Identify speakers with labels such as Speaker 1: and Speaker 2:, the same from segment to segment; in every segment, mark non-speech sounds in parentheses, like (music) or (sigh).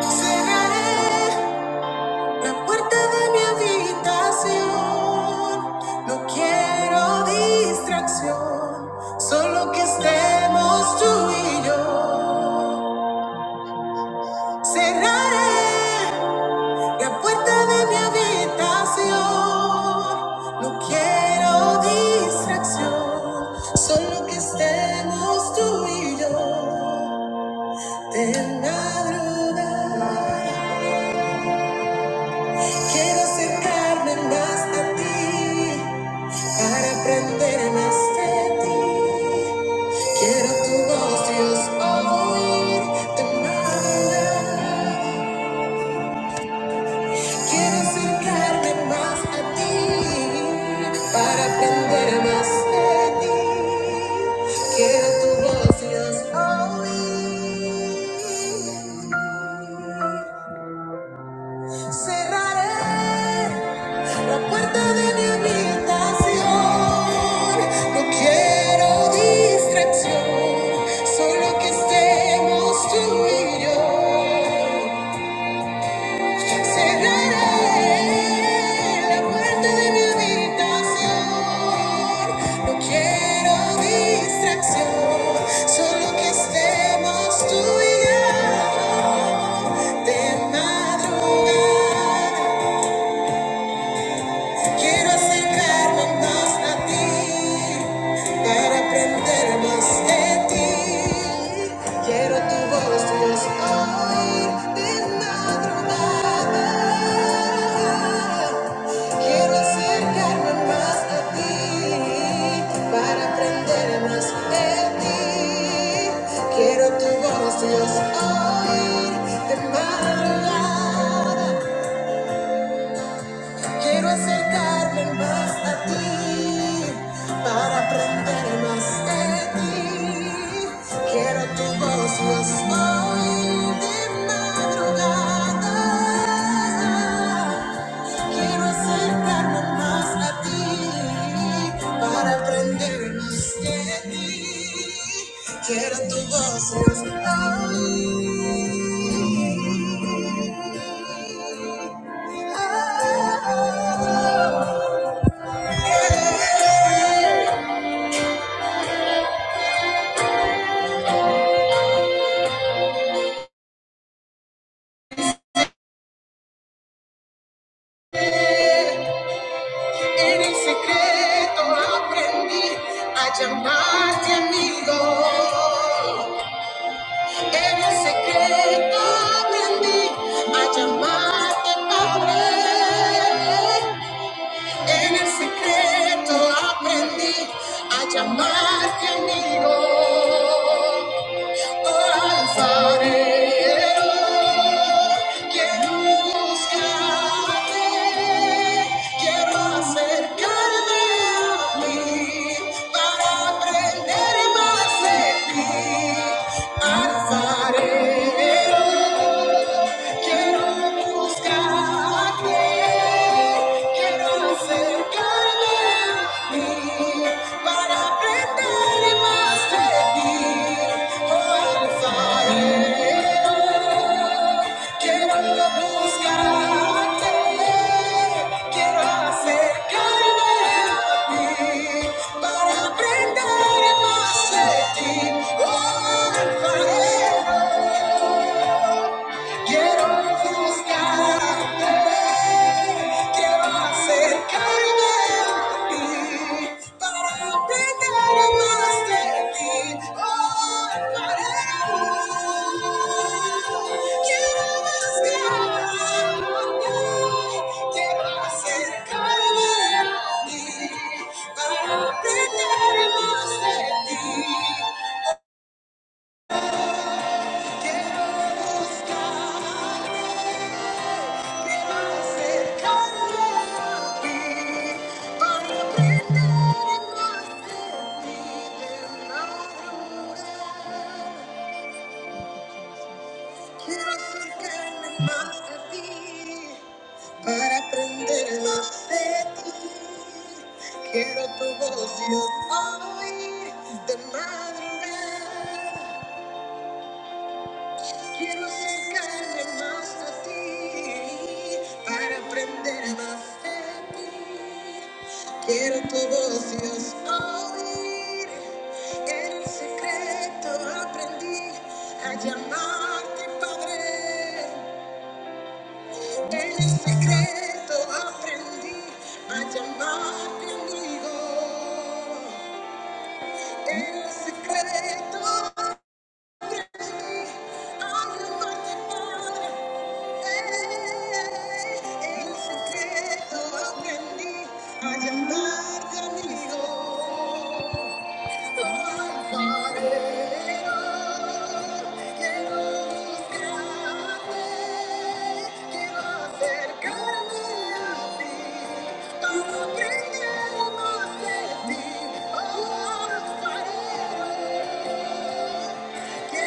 Speaker 1: Cerraré la puerta de mi habitación. No quiero distracción, solo que estemos tú y yo. Cerraré. La puerta de mi habitación, no quiero distracción, solo que estemos tú y yo de madrugada. Quiero acercarme más a ti para aprender más de ti. Quiero tu voz, Dios, oír de madrugada. Quiero acercarme más a ti para aprender más de ti. Quiero tu voz y oír. Cerraré la puerta de mi habitación. No quiero distracción, solo que estemos tú y yo. Cerraré la puerta de mi habitación. No quiero distracción, solo que estemos tú y yo de madrugada. Quiero acercarme más a ti, para aprender más de ti. Quiero tu voz, Dios, oír de madrugada. Quiero acercarme más a ti, para aprender más de ti. Quiero tu voz, Dios, oír de madrugada. Quiero acercarme más a ti para aprender más de ti. Quiero tu voz más hoy de madrugada. Quiero acercarme más a ti para aprender más de ti. Quiero tu voz Ah, ah, ah. En el secreto aprendí a llamarte amigo. En el secreto aprendí a llamarte Padre. En el secreto aprendí a llamarte amigo. Oh, alfarero. Quiero buscarte, quiero acercarme a ti para aprender más de ti, alfarero. Quiero buscarte, quiero acercarme a ti para aprender más de ti. Oh, alfarero, quiero buscarte, quiero acercarme a ti para aprender más de ti. Oh, alfarero. Quiero buscarte, quiero acercarme a ti para aprender más de ti. Oh, para quiero buscarte, quiero acercarme a ti para aprender más de ti. Quiero acercarme más a ti para aprender más de ti. Quiero tu voz yo oír de madrugada. Quiero acercarme más a ti para aprender más de ti. Quiero tu voz, Dios, oír. En el secreto aprendí a llamarte Padre. En el secreto aprendí a llamarte amigo. En el secreto Quiero acercarme A ti, Oh, Alfarero. Thank you.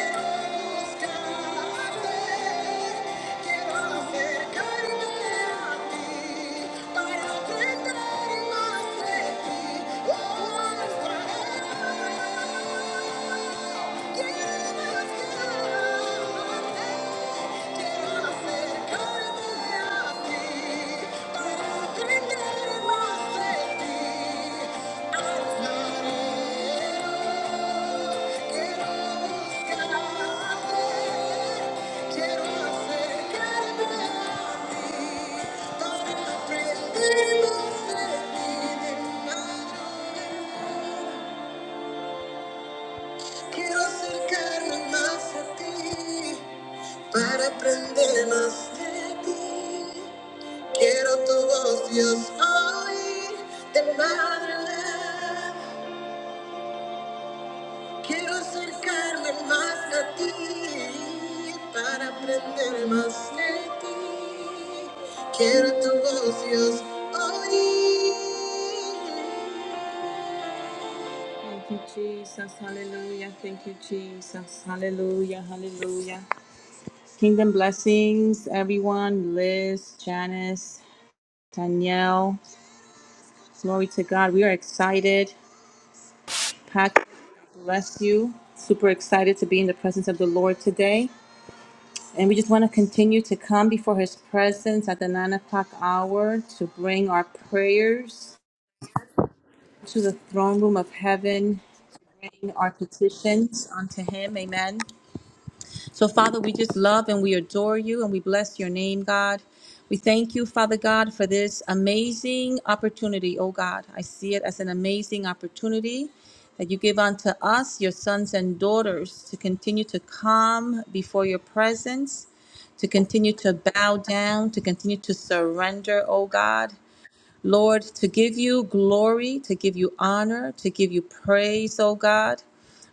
Speaker 1: Quiero acercarme más a ti para aprender más de ti. Quiero tu voz, Dios, oír de madre leve. Quiero acercarme más a ti para aprender más de ti. Quiero tu voz, Dios, oír. Thank you, Jesus. Hallelujah. Thank you, Jesus. Hallelujah. Hallelujah. Kingdom blessings, everyone. Liz, Janice, Danielle. Glory to God. We are excited. Patrick, bless you. Super excited to be in the presence of the Lord today. And we just want to continue to come before his presence at the nine o'clock hour to bring our prayers to the throne room of heaven, bring our petitions unto him. Amen. So, Father, we just love and we adore you and we bless your name, God. We thank you, Father God, for this amazing opportunity, oh God. I see it as an amazing opportunity that you give unto us, your sons and daughters, to continue to come before your presence, to continue to bow down, to continue to surrender, oh God. Lord, to give you glory, to give you honor, to give you praise, oh God.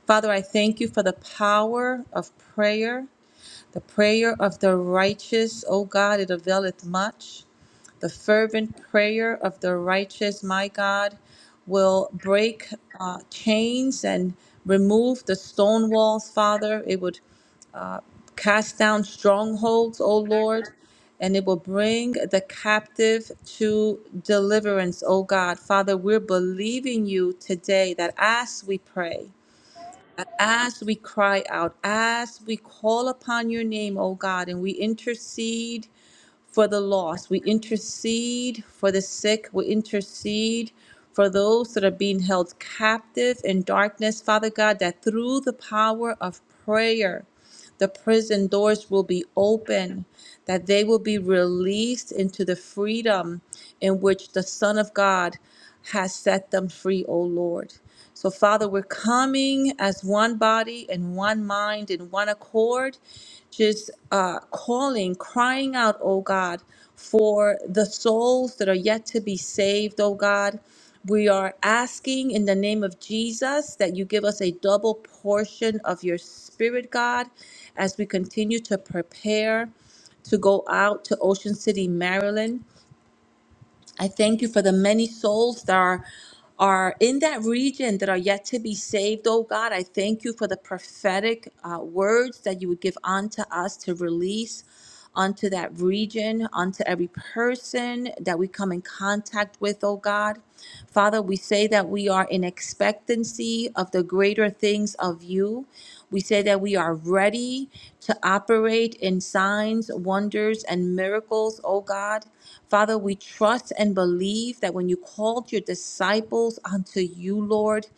Speaker 1: Father, I thank you for the power of prayer. The prayer of the righteous, O God, it availeth much. The fervent prayer of the righteous, my God, will break uh, chains and remove the stone walls, Father. It would uh, cast down strongholds, O Lord, and it will bring the captive to deliverance, O God. Father, we're believing you today that as we pray, as we cry out, as we call upon your name, O God, and we intercede for the lost, we intercede for the sick, we intercede for those that are being held captive in darkness, Father God, that through the power of prayer, the prison doors will be open, that they will be released into the freedom in which the Son of God has set them free, O Lord. So, Father, we're coming as one body and one mind and one accord, just uh, calling, crying out, oh God, for the souls that are yet to be saved, oh God. We are asking in the name of Jesus that you give us a double portion of your spirit, God, as we continue to prepare to go out to Ocean City, Maryland. I thank you for the many souls that are are in that region that are yet to be saved, oh God. I thank you for the prophetic uh, words that you would give unto us to release unto that region, unto every person that we come in contact with, oh God. Father, we say that we are in expectancy of the greater things of you. We say that we are are ready to operate in signs, wonders, and miracles, oh God. Father, we trust and believe that when you called your disciples unto you, Lord,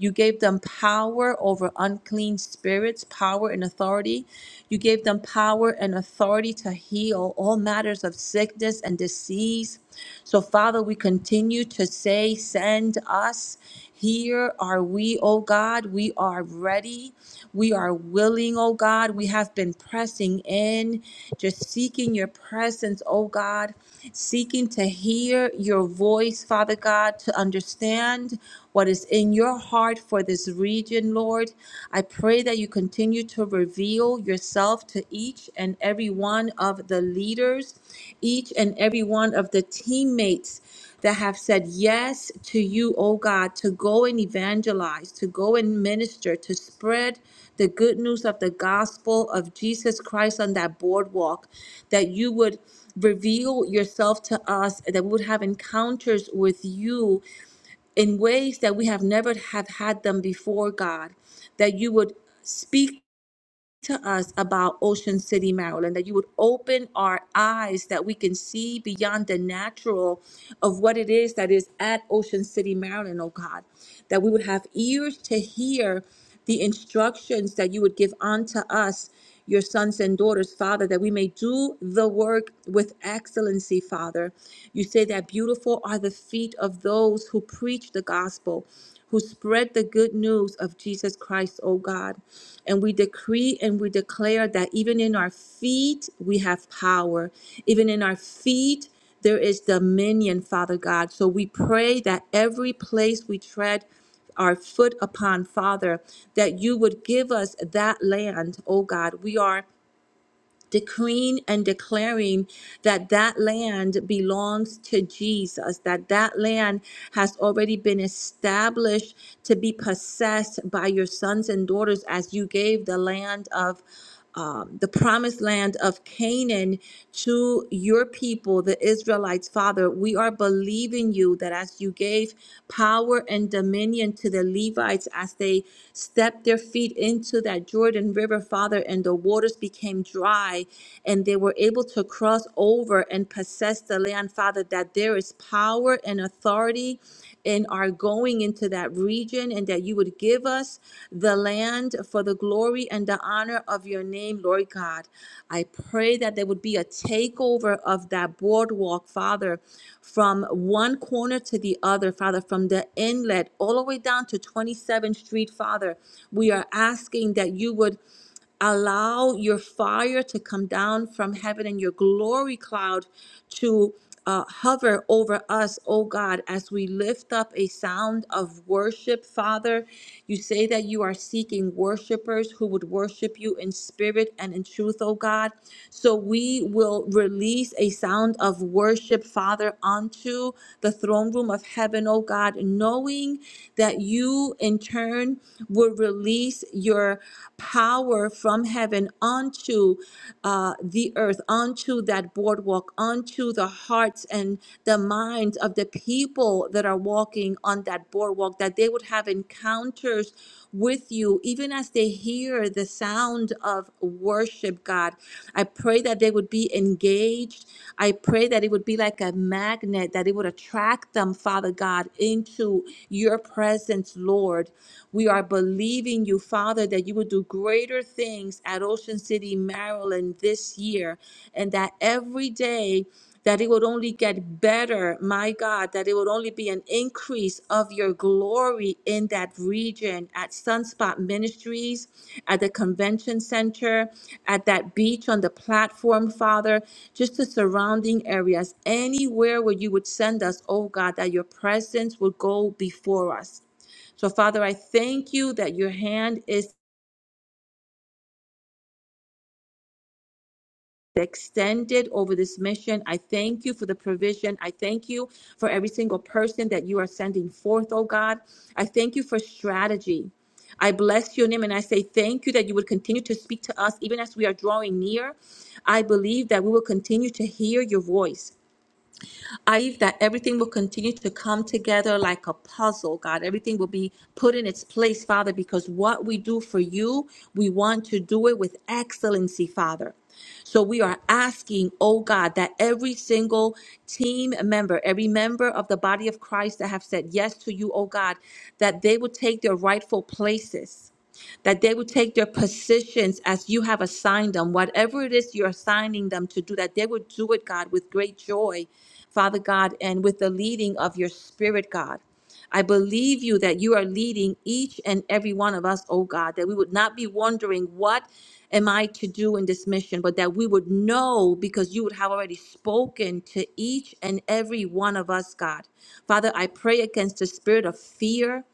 Speaker 1: you gave them power over unclean spirits, power and authority. You gave them power and authority to heal all matters of sickness and disease. So, Father, we continue to say, Send us. Here are we, O God. We are ready. We are willing, O God. We have been pressing in, just seeking your presence, O God, seeking to hear your voice, Father God, to understand what is in your heart for this region, Lord. I pray that you continue to reveal yourself to each and every one of the leaders, each and every one of the teammates that have said yes to you, O God, to go and evangelize, to go and minister, to spread the good news of the gospel of Jesus Christ on that boardwalk, that you would reveal yourself to us, that we would have encounters with you in ways that we have never have had them before, God, that you would speak to us about Ocean City, Maryland, that you would open our eyes that we can see beyond the natural of what it is that is at Ocean City, Maryland, oh God, that we would have ears to hear the instructions that you would give unto us, your sons and daughters, Father, that we may do the work with excellency, Father. You say that beautiful are the feet of those who preach the gospel who spread the good news of Jesus Christ, O God. And we decree and we declare that even in our feet, we have power. Even in our feet, there is dominion, Father God. So we pray that every place we tread, our foot upon, Father, that you would give us that land, oh God. We are decreeing and declaring that that land belongs to Jesus, that that land has already been established to be possessed by your sons and daughters as you gave the land of. Um, the promised land of Canaan to your people, the Israelites, Father. We are believing you that as you gave power and dominion to the Levites as they stepped their feet into that Jordan River, Father, and the waters became dry and they were able to cross over and possess the land, Father, that there is power and authority in our going into that region and that you would give us the land for the glory and the honor of your name, Lord God. I pray that there would be a takeover of that boardwalk, Father, from one corner to the other, Father, from the inlet all the way down to 27th Street, Father. We are asking that you would allow your fire to come down from heaven and your glory cloud to uh, hover over us, oh God, as we lift up a sound of worship, Father. You say that you are seeking worshipers who would worship you in spirit and in truth, oh God. So we will release a sound of worship, Father, onto the throne room of heaven, oh God, knowing that you in turn will release your power from heaven onto uh, the earth, onto that boardwalk, onto the hearts and the minds of the people that are walking on that boardwalk, that they would have encounters with you, even as they hear the sound of worship, God. I pray that they would be engaged. I pray that it would be like a magnet, that it would attract them, Father God, into your presence, Lord. We. We are believing you, Father, that you will do greater things at Ocean City, Maryland this year, and that every day that it would only get better, my God, that it would only be an increase of your glory in that region at Sunspot Ministries, at the convention center, at that beach on the platform, Father, just the surrounding areas, anywhere where you would send us, oh God, that your presence would go before us. So, Father, I thank you that your hand is extended over this mission. I thank you for the provision. I thank you for every single person that you are sending forth, oh God. I thank you for strategy. I bless your name and I say thank you that you would continue to speak to us even as we are drawing near. I believe that we will continue to hear your voice. I that everything will continue to come together like a puzzle, God. Everything will be put in its place, Father, because what we do for you, we want to do it with excellency, Father. So we are asking, oh God, that every single team member, every member of the body of Christ that have said yes to you, oh God, that they will take their rightful places that they would take their positions as you have assigned them, whatever it is you're assigning them to do, that they would do it, God, with great joy, Father God, and with the leading of your Spirit, God. I believe you that you are leading each and every one of us, oh God, that we would not be wondering what am I to do in this mission, but that we would know because you would have already spoken to each and every one of us, God. Father, I pray against the spirit of fear.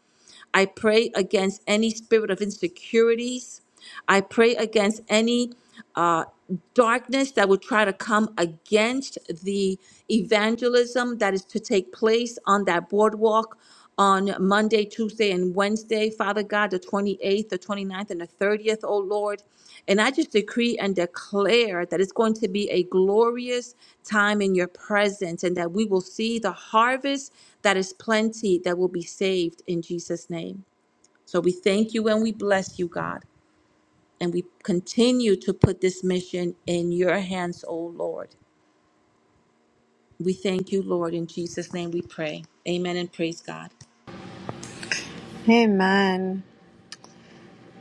Speaker 1: I pray against any spirit of insecurities. I pray against any uh, darkness that would try to come against the evangelism that is to take place on that boardwalk on Monday, Tuesday, and Wednesday, Father God, the 28th, the 29th, and the 30th, oh Lord. And I just decree and declare that it's going to be a glorious time in your presence and that we will see the harvest that is plenty that will be saved in Jesus' name. So we thank you and we bless you, God. And we continue to put this mission in your hands, O Lord. We thank you, Lord. In Jesus' name we pray. Amen and praise God.
Speaker 2: Amen.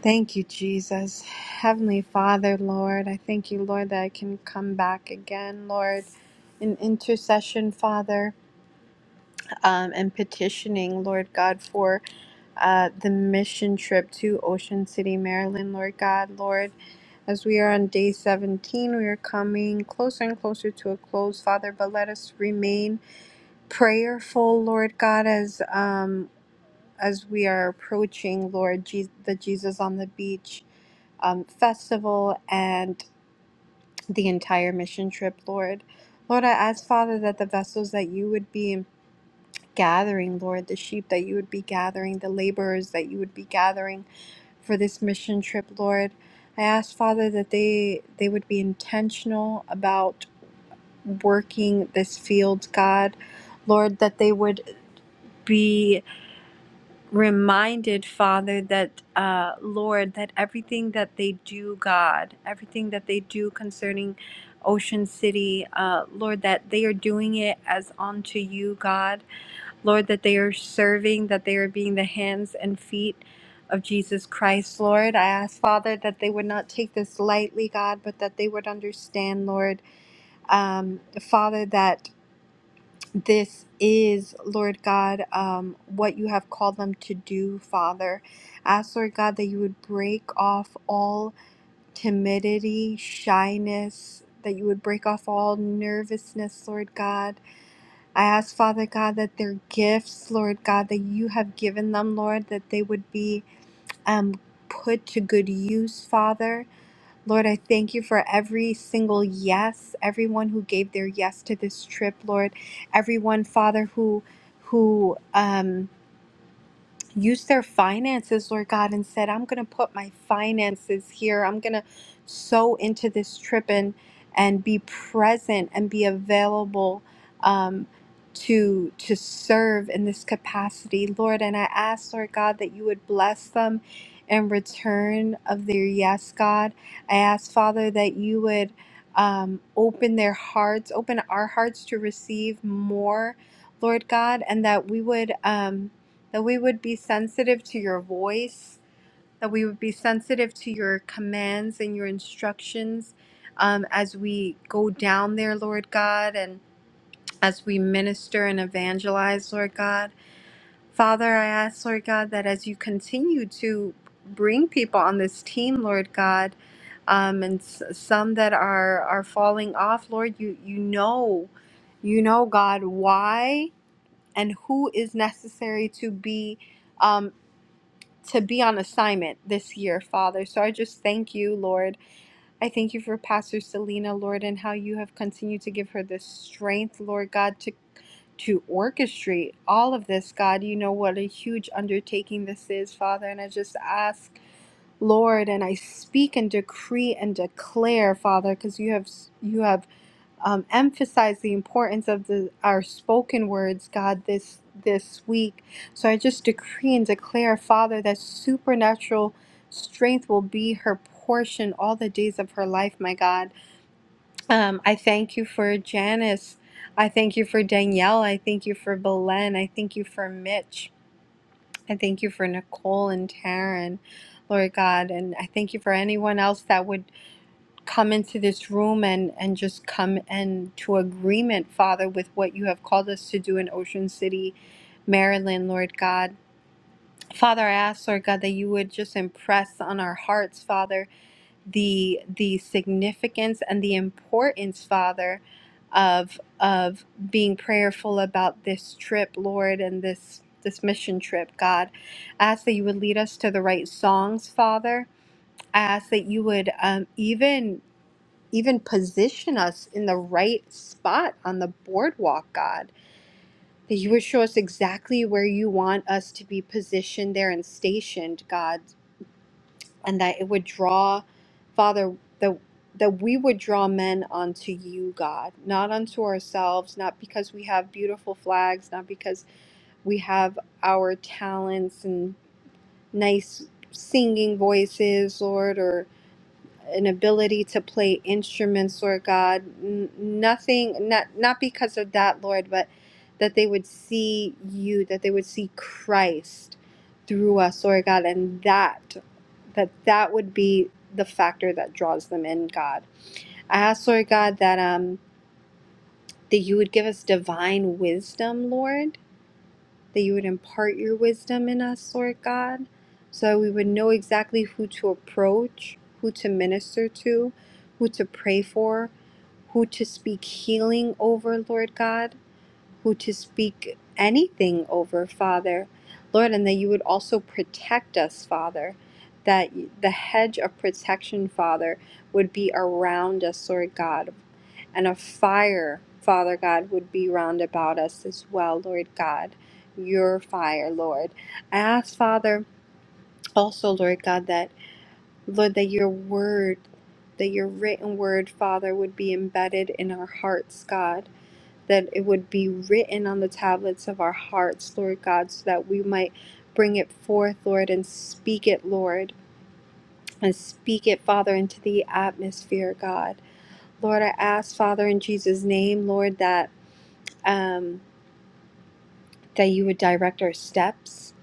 Speaker 2: Thank you, Jesus. Heavenly Father, Lord, I thank you, Lord, that I can come back again, Lord, in intercession, Father, um, and petitioning, Lord God, for uh, the mission trip to Ocean City, Maryland, Lord God, Lord. As we are on day 17, we are coming closer and closer to a close, Father, but let us remain prayerful, Lord God, as um, as we are approaching Lord Je- the Jesus on the Beach um, festival and the entire mission trip, Lord. Lord, I ask, Father, that the vessels that you would be gathering, Lord, the sheep that you would be gathering, the laborers that you would be gathering for this mission trip, Lord. I ask, Father, that they they would be intentional about working this field, God. Lord, that they would be reminded, Father, that, uh, Lord, that everything that they do, God, everything that they do concerning Ocean City, uh, Lord, that they are doing it as unto you, God. Lord, that they are serving, that they are being the hands and feet of Jesus Christ, Lord. I ask, Father, that they would not take this lightly, God, but that they would understand, Lord, um, Father, that this is, Lord God, um, what you have called them to do, Father. Ask, Lord God, that you would break off all timidity, shyness, that you would break off all nervousness, Lord God. I ask, Father God, that their gifts, Lord God, that you have given them, Lord, that they would be um, put to good use, Father. Lord, I thank you for every single yes, everyone who gave their yes to this trip, Lord, everyone, Father, who who um use their finances, Lord God, and said, I'm going to put my finances here. I'm going to sow into this trip and, and be present and be available um, to, to serve in this capacity, Lord. And I ask, Lord God, that you would bless them in return of their yes, God. I ask, Father, that you would um, open their hearts, open our hearts to receive more, Lord God, and that we would. Um, that we would be sensitive to your voice, that we would be sensitive to your commands and your instructions um, as we go down there, Lord God, and as we minister and evangelize, Lord God. Father, I ask, Lord God, that as you continue to bring people on this team, Lord God, um, and s- some that are are falling off, Lord, you you know, you know, God, why and who is necessary to be. um, to be on assignment this year, Father. So I just thank you, Lord. I thank you for Pastor Selena, Lord, and how you have continued to give her the strength, Lord God, to to orchestrate all of this, God. You know what a huge undertaking this is, Father, and I just ask Lord, and I speak and decree and declare, Father, because you have you have um, emphasize the importance of the our spoken words, God, this this week. So I just decree and declare, Father, that supernatural strength will be her portion all the days of her life, my God. Um, I thank you for Janice. I thank you for Danielle. I thank you for Belen. I thank you for Mitch. I thank you for Nicole and Taryn, Lord God. And I thank you for anyone else that would come into this room and and just come into agreement father with what you have called us to do in ocean city maryland lord god father i ask lord god that you would just impress on our hearts father the the significance and the importance father of of being prayerful about this trip lord and this this mission trip god I ask that you would lead us to the right songs father i ask that you would um, even even position us in the right spot on the boardwalk, God. That you would show us exactly where you want us to be positioned there and stationed, God, and that it would draw, Father, that that we would draw men unto you, God, not unto ourselves, not because we have beautiful flags, not because we have our talents and nice singing voices, Lord, or. an ability to play instruments, Lord God. N- nothing, not not because of that, Lord, but that they would see you, that they would see Christ through us, Lord God, and that that that would be the factor that draws them in, God. I ask, Lord God, that um that you would give us divine wisdom, Lord that you would impart your wisdom in us, Lord God, so that we would know exactly who to approach, who to minister to, who to pray for, who to speak healing over, Lord God who to speak anything over, Father. Lord, and that you would also protect us, Father. That the hedge of protection, Father, would be around us, Lord God. And a fire, Father God, would be round about us as well, Lord God. Your fire, Lord. I ask, Father, also, Lord God, that, Lord, that your word, that your written word, Father, would be embedded in our hearts, God that it would be written on the tablets of our hearts, Lord God, so that we might bring it forth, Lord, and speak it, Lord, and speak it, Father, into the atmosphere, God. Lord, I ask, Father, in Jesus' name, Lord, that um, that you would direct our steps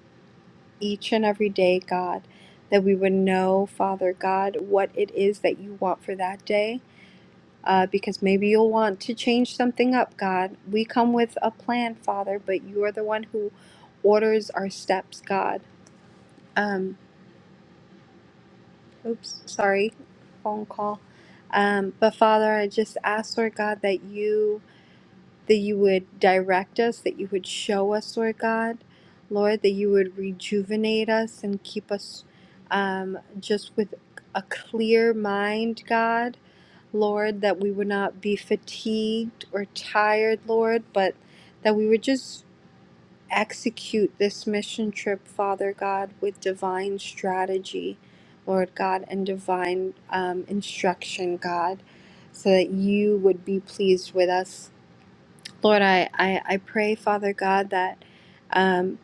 Speaker 2: each and every day, God, that we would know, Father God, what it is that you want for that day uh, because maybe you'll want to change something up, God. We come with a plan, Father, but you are the one who orders our steps, God. Um, oops, sorry, phone call. Um, but Father, I just ask, Lord God, that you that you would direct us, that you would show us, Lord God, Lord, that you would rejuvenate us and keep us um, just with a clear mind, God Lord, that we would not be fatigued or tired, Lord, but that we would just execute this mission trip, Father God, with divine strategy, Lord God, and divine um, instruction, God, so that you would be pleased with us. Lord, I, I, I pray, Father God, that, um,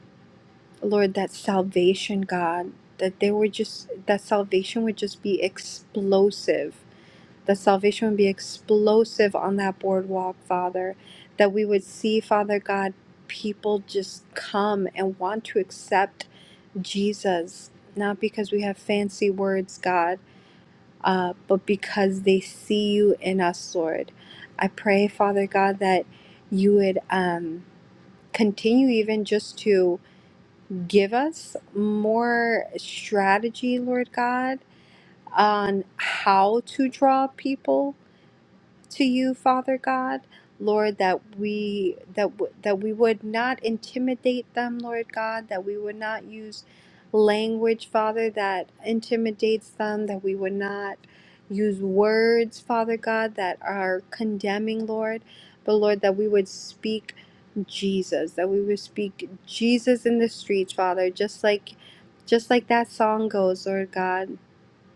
Speaker 2: Lord, that salvation, God, that they would just, that salvation would just be explosive that salvation would be explosive on that boardwalk, Father. That we would see, Father God, people just come and want to accept Jesus, not because we have fancy words, God, uh, but because they see you in us, Lord. I pray, Father God, that you would um, continue even just to give us more strategy, Lord God, on how to draw people to you, Father God. Lord, that we that w- that we would not intimidate them, Lord God, that we would not use language, Father, that intimidates them, that we would not use words, Father God, that are condemning, Lord, but Lord, that we would speak Jesus, that we would speak Jesus in the streets, Father, just like just like that song goes, Lord God,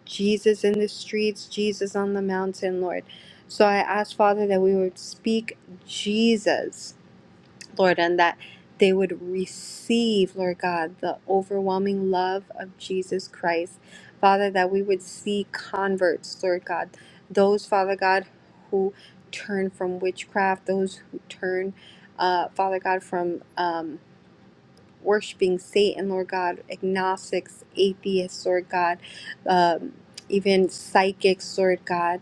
Speaker 2: Jesus in the streets, Jesus on the mountain, Lord. So I ask, Father, that we would speak Jesus, Lord, and that they would receive, Lord God, the overwhelming love of Jesus Christ. Father, that we would see converts, Lord God, those, Father God, who turn from witchcraft, those who turn, uh, Father God, from. Um, worshiping Satan, Lord God, agnostics, atheists, Lord God, um, even psychics, Lord God,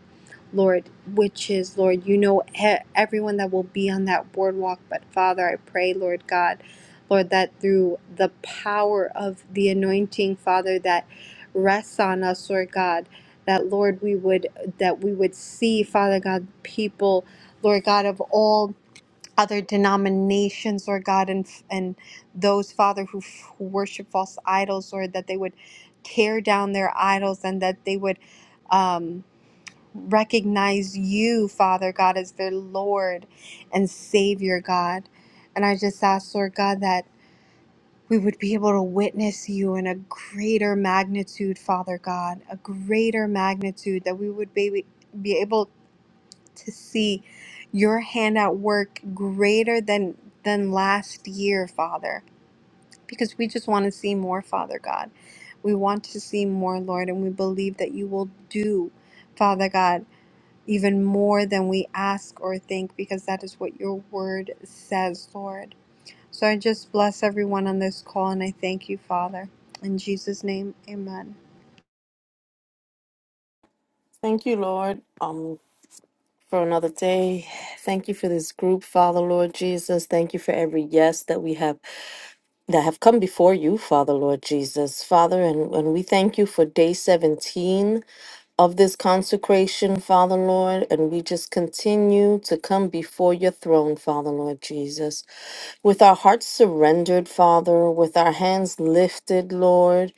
Speaker 2: Lord, witches, Lord, you know e- everyone that will be on that boardwalk. But Father, I pray, Lord God, Lord, that through the power of the anointing, Father, that rests on us, Lord God, that Lord, we would that we would see, Father God, people. Lord God, of all other denominations, Lord God, and and those Father who, who worship false idols, Lord, that they would tear down their idols and that they would um, recognize you, Father God, as their Lord and Savior, God. And I just ask, Lord God, that we would be able to witness you in a greater magnitude, Father God, a greater magnitude, that we would be be able to see your hand at work greater than than last year, Father, because we just want to see more, Father God. We want to see more, Lord, and we believe that you will do, Father God, even more than we ask or think, because that is what your word says, Lord. So I just bless everyone on this call and I thank you, Father. In Jesus' name, amen.
Speaker 3: Thank you, Lord, um, for another day. Thank you for this group, Father, Lord Jesus. Thank you for every yes that we have that have come before you, Father, Lord Jesus, Father, and, and we thank you for day seventeen of this consecration, Father, Lord, and we just continue to come before your throne, Father, Lord Jesus, with our hearts surrendered, Father, with our hands lifted, Lord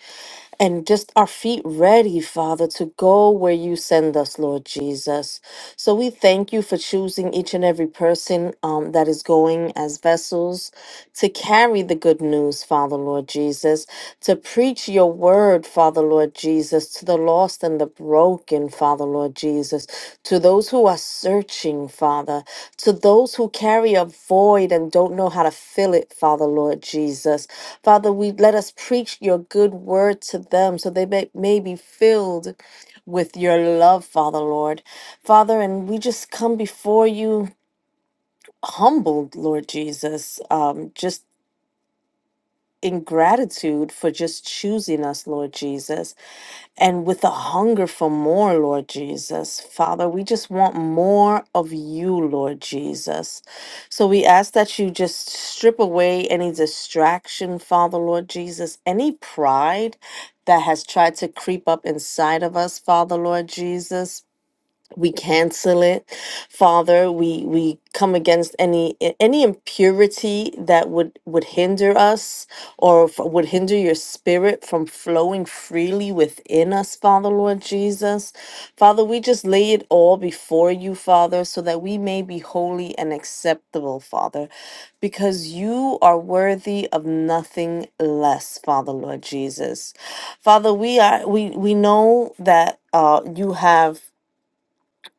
Speaker 3: and just our feet ready, Father, to go where you send us, Lord Jesus. So we thank you for choosing each and every person um, that is going as vessels to carry the good news, Father, Lord Jesus, to preach your word, Father, Lord Jesus, to the lost and the broken, Father, Lord Jesus, to those who are searching, Father, to those who carry a void and don't know how to fill it, Father, Lord Jesus. Father, we let us preach your good word to them so they may, may be filled with your love, Father, Lord. Father, and we just come before you humbled, Lord Jesus, um, just in gratitude for just choosing us, Lord Jesus and with a hunger for more, Lord Jesus. Father, we just want more of you, Lord Jesus. So we ask that you just strip away any distraction, Father, Lord Jesus, any pride that has tried to creep up inside of us, Father, Lord Jesus we cancel it father we we come against any any impurity that would would hinder us or f- would hinder your spirit from flowing freely within us father lord jesus father we just lay it all before you father so that we may be holy and acceptable father because you are worthy of nothing less father lord jesus father we are we we know that uh you have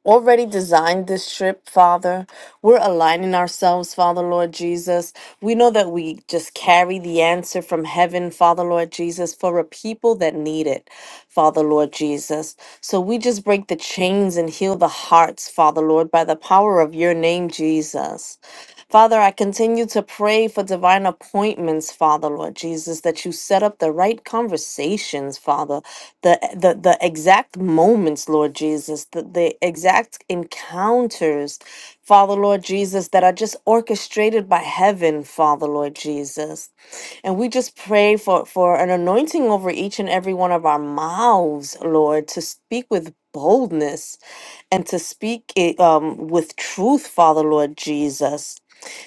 Speaker 3: already designed this trip, Father. We're aligning ourselves, Father Lord Jesus. We know that we just carry the answer from heaven, Father Lord Jesus, for a people that need it, Father Lord Jesus. So we just break the chains and heal the hearts, Father Lord, by the power of your name, Jesus. Father, I continue to pray for divine appointments, Father, Lord Jesus, that you set up the right conversations, Father, the the, the exact moments, Lord Jesus, the, the exact encounters Father Lord Jesus, that are just orchestrated by heaven, Father Lord Jesus. And we just pray for, for an anointing over each and every one of our mouths, Lord, to speak with boldness and to speak it um, with truth, Father Lord Jesus.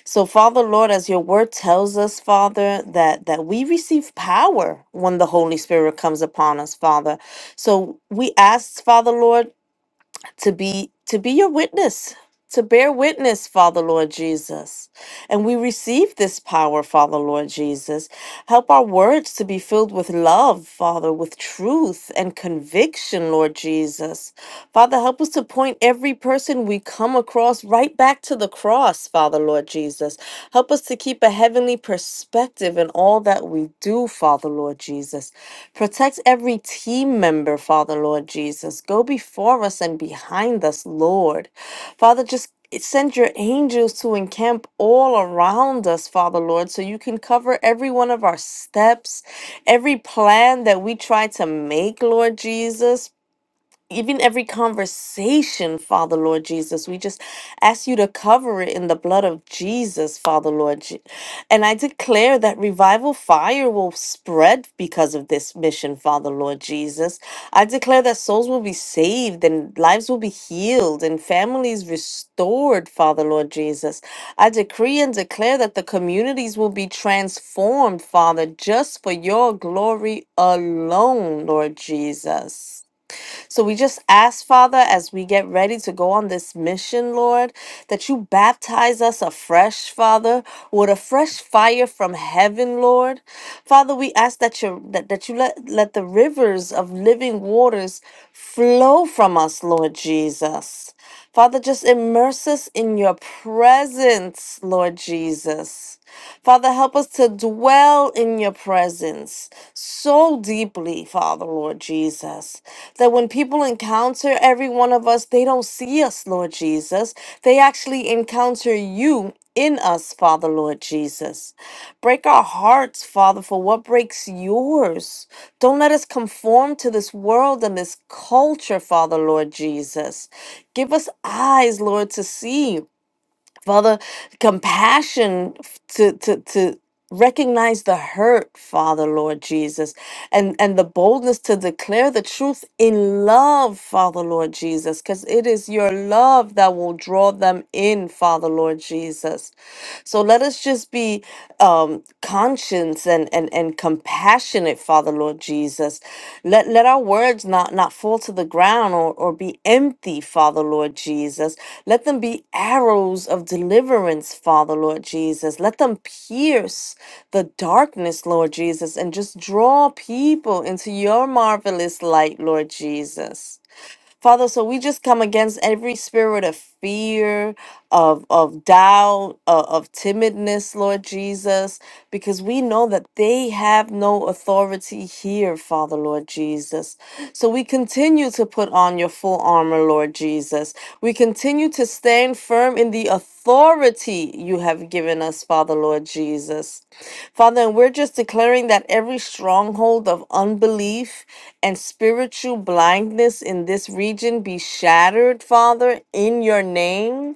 Speaker 3: So, Father Lord, as your word tells us, Father, that, that we receive power when the Holy Spirit comes upon us, Father. So we ask, Father Lord, to be to be your witness to bear witness father lord jesus and we receive this power father lord jesus help our words to be filled with love father with truth and conviction lord jesus father help us to point every person we come across right back to the cross father lord jesus help us to keep a heavenly perspective in all that we do father lord jesus Protect every team member, Father, Lord Jesus. Go before us and behind us, Lord. Father, just send your angels to encamp all around us, Father, Lord, so you can cover every one of our steps, every plan that we try to make, Lord Jesus even every conversation, Father Lord Jesus, we just ask you to cover it in the blood of Jesus, Father Lord. Je- And I declare that revival fire will spread because of this mission, Father Lord Jesus. I declare that souls will be saved and lives will be healed and families restored, Father Lord Jesus. I decree and declare that the communities will be transformed, Father, just for your glory alone, Lord Jesus. So we just ask, Father, as we get ready to go on this mission, Lord, that you baptize us afresh, Father, with a fresh fire from heaven, Lord. Father, we ask that you that, that you let, let the rivers of living waters flow from us, Lord Jesus. Father, just immerse us in your presence, Lord Jesus. Father, help us to dwell in your presence so deeply, Father, Lord Jesus, that when people encounter every one of us, they don't see us, Lord Jesus. They actually encounter you in us, Father, Lord Jesus. Break our hearts, Father, for what breaks yours. Don't let us conform to this world and this culture, Father, Lord Jesus. Give us eyes, Lord, to see. Father, compassion f- to to to recognize the hurt, Father, Lord Jesus, and and the boldness to declare the truth in love, Father, Lord Jesus, because it is your love that will draw them in, Father, Lord Jesus. So let us just be um, conscious and, and, and compassionate, Father Lord Jesus. Let, let our words not, not fall to the ground or, or be empty, Father Lord Jesus. Let them be arrows of deliverance, Father Lord Jesus. Let them pierce the darkness, Lord Jesus, and just draw people into your marvelous light, Lord Jesus. Father, so we just come against every spirit of fear, of of doubt, of, of timidness, Lord Jesus, because we know that they have no authority here, Father, Lord Jesus. So we continue to put on your full armor, Lord Jesus. We continue to stand firm in the authority you have given us, Father, Lord Jesus. Father, and we're just declaring that every stronghold of unbelief and spiritual blindness in this region be shattered, Father, in your name.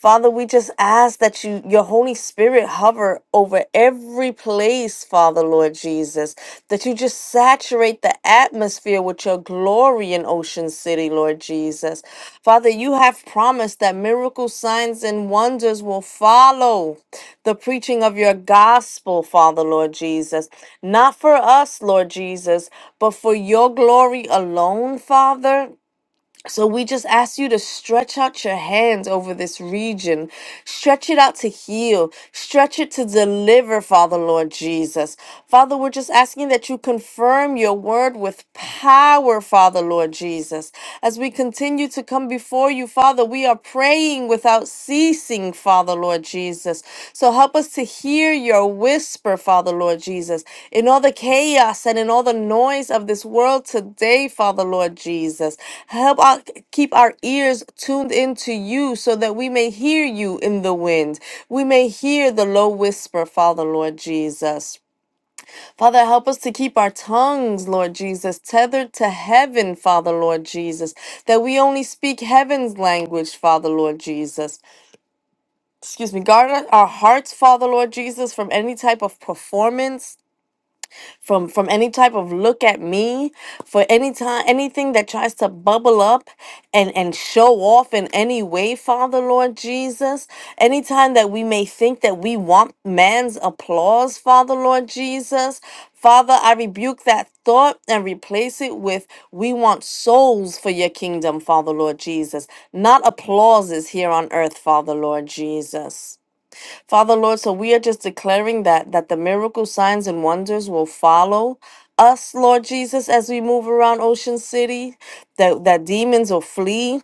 Speaker 3: Father, we just ask that you, your Holy Spirit, hover over every place, Father, Lord Jesus, that you just saturate the atmosphere with your glory in Ocean City, Lord Jesus. Father, you have promised that miracle signs, and wonders will follow the preaching of your gospel, Father, Lord Jesus. Not for us, Lord Jesus, but for your glory alone, Father. So we just ask you to stretch out your hands over this region. Stretch it out to heal. Stretch it to deliver, Father Lord Jesus. Father, we're just asking that you confirm your word with power, Father Lord Jesus. As we continue to come before you, Father, we are praying without ceasing, Father Lord Jesus. So help us to hear your whisper, Father Lord Jesus, in all the chaos and in all the noise of this world today, Father Lord Jesus. Help our, keep our ears tuned into you so that we may hear you in the wind. We may hear the low whisper, Father Lord Jesus. Father, help us to keep our tongues, Lord Jesus, tethered to heaven, Father Lord Jesus, that we only speak heaven's language, Father Lord Jesus excuse me guard our our hearts father lord jesus from any type of performance from from any type of look at me for any time anything that tries to bubble up and and show off in any way father lord jesus anytime that we may think that we want man's applause father lord jesus Father, I rebuke that thought and replace it with we want souls for your kingdom, Father Lord Jesus, not applauses here on earth, Father Lord Jesus. Father Lord, so we are just declaring that that the miracle signs and wonders will follow us, Lord Jesus, as we move around Ocean City, that that demons will flee,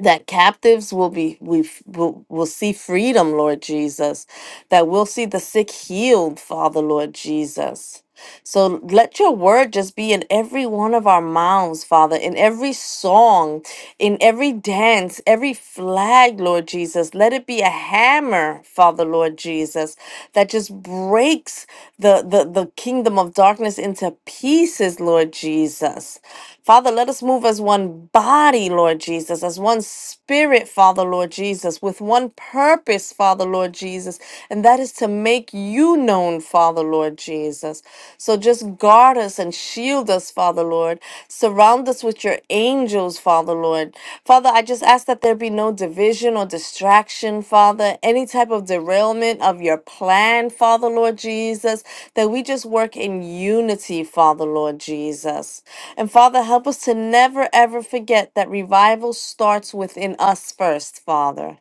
Speaker 3: that captives will be we f- will, will see freedom, Lord Jesus, that we'll see the sick healed, Father Lord Jesus. So let your word just be in every one of our mouths, Father, in every song, in every dance, every flag, Lord Jesus. Let it be a hammer, Father, Lord Jesus, that just breaks the, the, the kingdom of darkness into pieces, Lord Jesus. Father, let us move as one body, Lord Jesus, as one spirit, Father, Lord Jesus, with one purpose, Father, Lord Jesus, and that is to to make you known, Father, Lord Jesus. So just guard us and shield us, Father, Lord. Surround us with your angels, Father, Lord. Father, I just ask that there be no division or distraction, Father, any type of derailment of your plan, Father, Lord Jesus, that we just work in unity, Father, Lord Jesus. And Father, help us to never, ever forget that revival starts within us first, Father.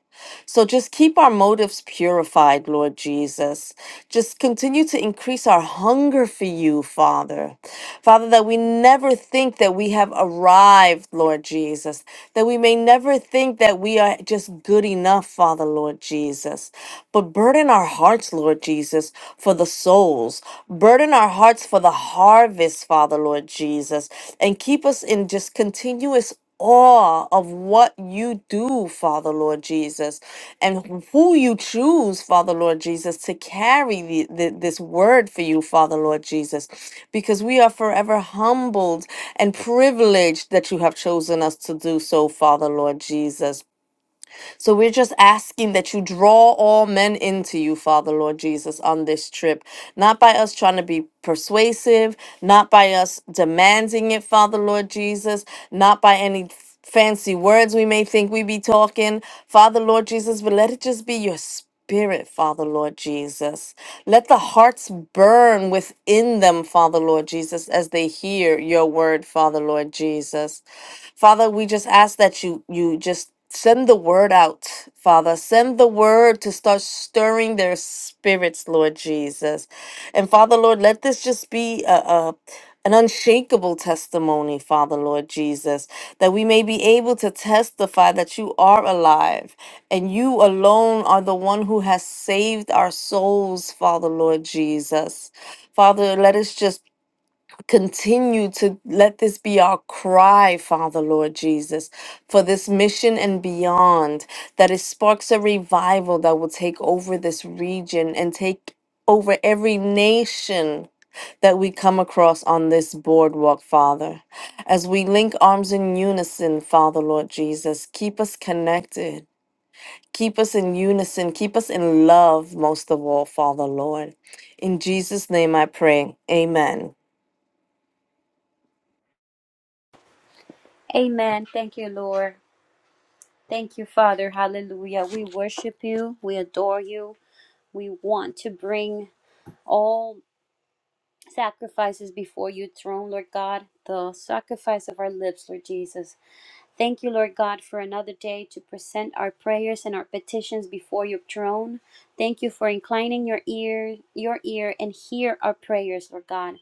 Speaker 3: So just keep our motives purified, Lord Jesus. Just continue to increase our hunger for you, Father. Father, that we never think that we have arrived, Lord Jesus, that we may never think that we are just good enough, Father, Lord Jesus. But burden our hearts, Lord Jesus, for the souls. Burden our hearts for the harvest, Father, Lord Jesus. And keep us in just continuous awe of what you do, Father Lord Jesus, and who you choose, Father Lord Jesus, to carry the, the, this word for you, Father Lord Jesus, because we are forever humbled and privileged that you have chosen us to do so, Father Lord Jesus. So we're just asking that you draw all men into you, Father Lord Jesus, on this trip. Not by us trying to be persuasive, not by us demanding it, Father Lord Jesus, not by any fancy words we may think we be talking. Father Lord Jesus, but let it just be your spirit Spirit, Father Lord Jesus. Let the hearts burn within them, Father Lord Jesus, as they hear your word, Father Lord Jesus. Father, we just ask that you you just send the word out, Father. Send the word to start stirring their spirits, Lord Jesus. And Father Lord, let this just be a, a an unshakable testimony, Father Lord Jesus, that we may be able to testify that you are alive and you alone are the one who has saved our souls, Father, Lord Jesus. Father, let us just continue to let this be our cry, Father, Lord Jesus, for this mission and beyond, that it sparks a revival that will take over this region and take over every nation that we come across on this boardwalk, Father. As we link arms in unison, Father, Lord Jesus, keep us connected. Keep us in unison. Keep us in love, most of all, Father Lord. In Jesus' name I pray. Amen.
Speaker 4: Amen. Thank you, Lord. Thank you, Father. Hallelujah. We worship you. We adore you. We want to bring all sacrifices before your throne, Lord God, the sacrifice of our lips, Lord Jesus. Thank you, Lord God, for another day to present our prayers and our petitions before your throne. Thank you for inclining your ear, your ear and hear our prayers, Lord God.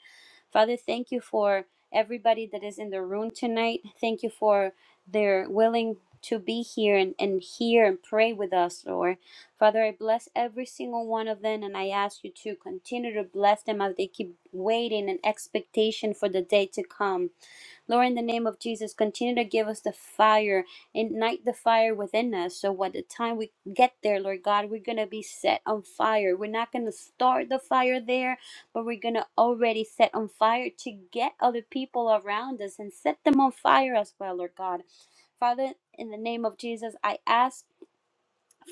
Speaker 4: Father, thank you for everybody that is in the room tonight. Thank you for their willing to be here and, and hear and pray with us, Lord. Father, I bless every single one of them and I ask you to continue to bless them as they keep waiting and expectation for the day to come. Lord, in the name of Jesus, continue to give us the fire, ignite the fire within us. So by the time we get there, Lord God, we're going to be set on fire. We're not going to start the fire there, but we're going to already set on fire to get other people around us and set them on fire as well, Lord God. Father, in the name of Jesus, I ask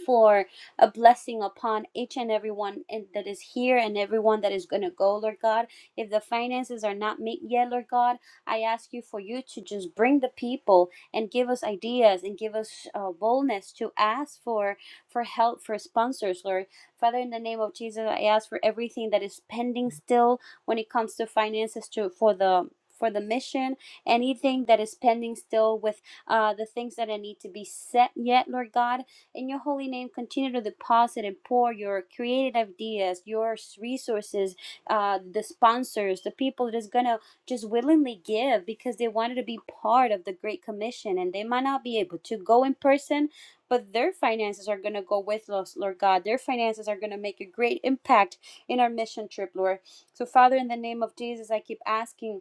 Speaker 4: for a blessing upon each and everyone in- that is here and everyone that is going to go, Lord God. If the finances are not made yet, Lord God, I ask you for you to just bring the people and give us ideas and give us uh, boldness to ask for for help for sponsors, Lord. Father, in the name of Jesus, I ask for everything that is pending still when it comes to finances to for the for the mission, anything that is pending still with uh, the things that I need to be set yet, Lord God. In your holy name, continue to deposit and pour your creative ideas, your resources, uh, the sponsors, the people that is going to just willingly give because they wanted to be part of the Great Commission and they might not be able to go in person. But their finances are going to go with us, Lord God. Their finances are going to make a great impact in our mission trip, Lord. So, Father, in the name of Jesus, I keep asking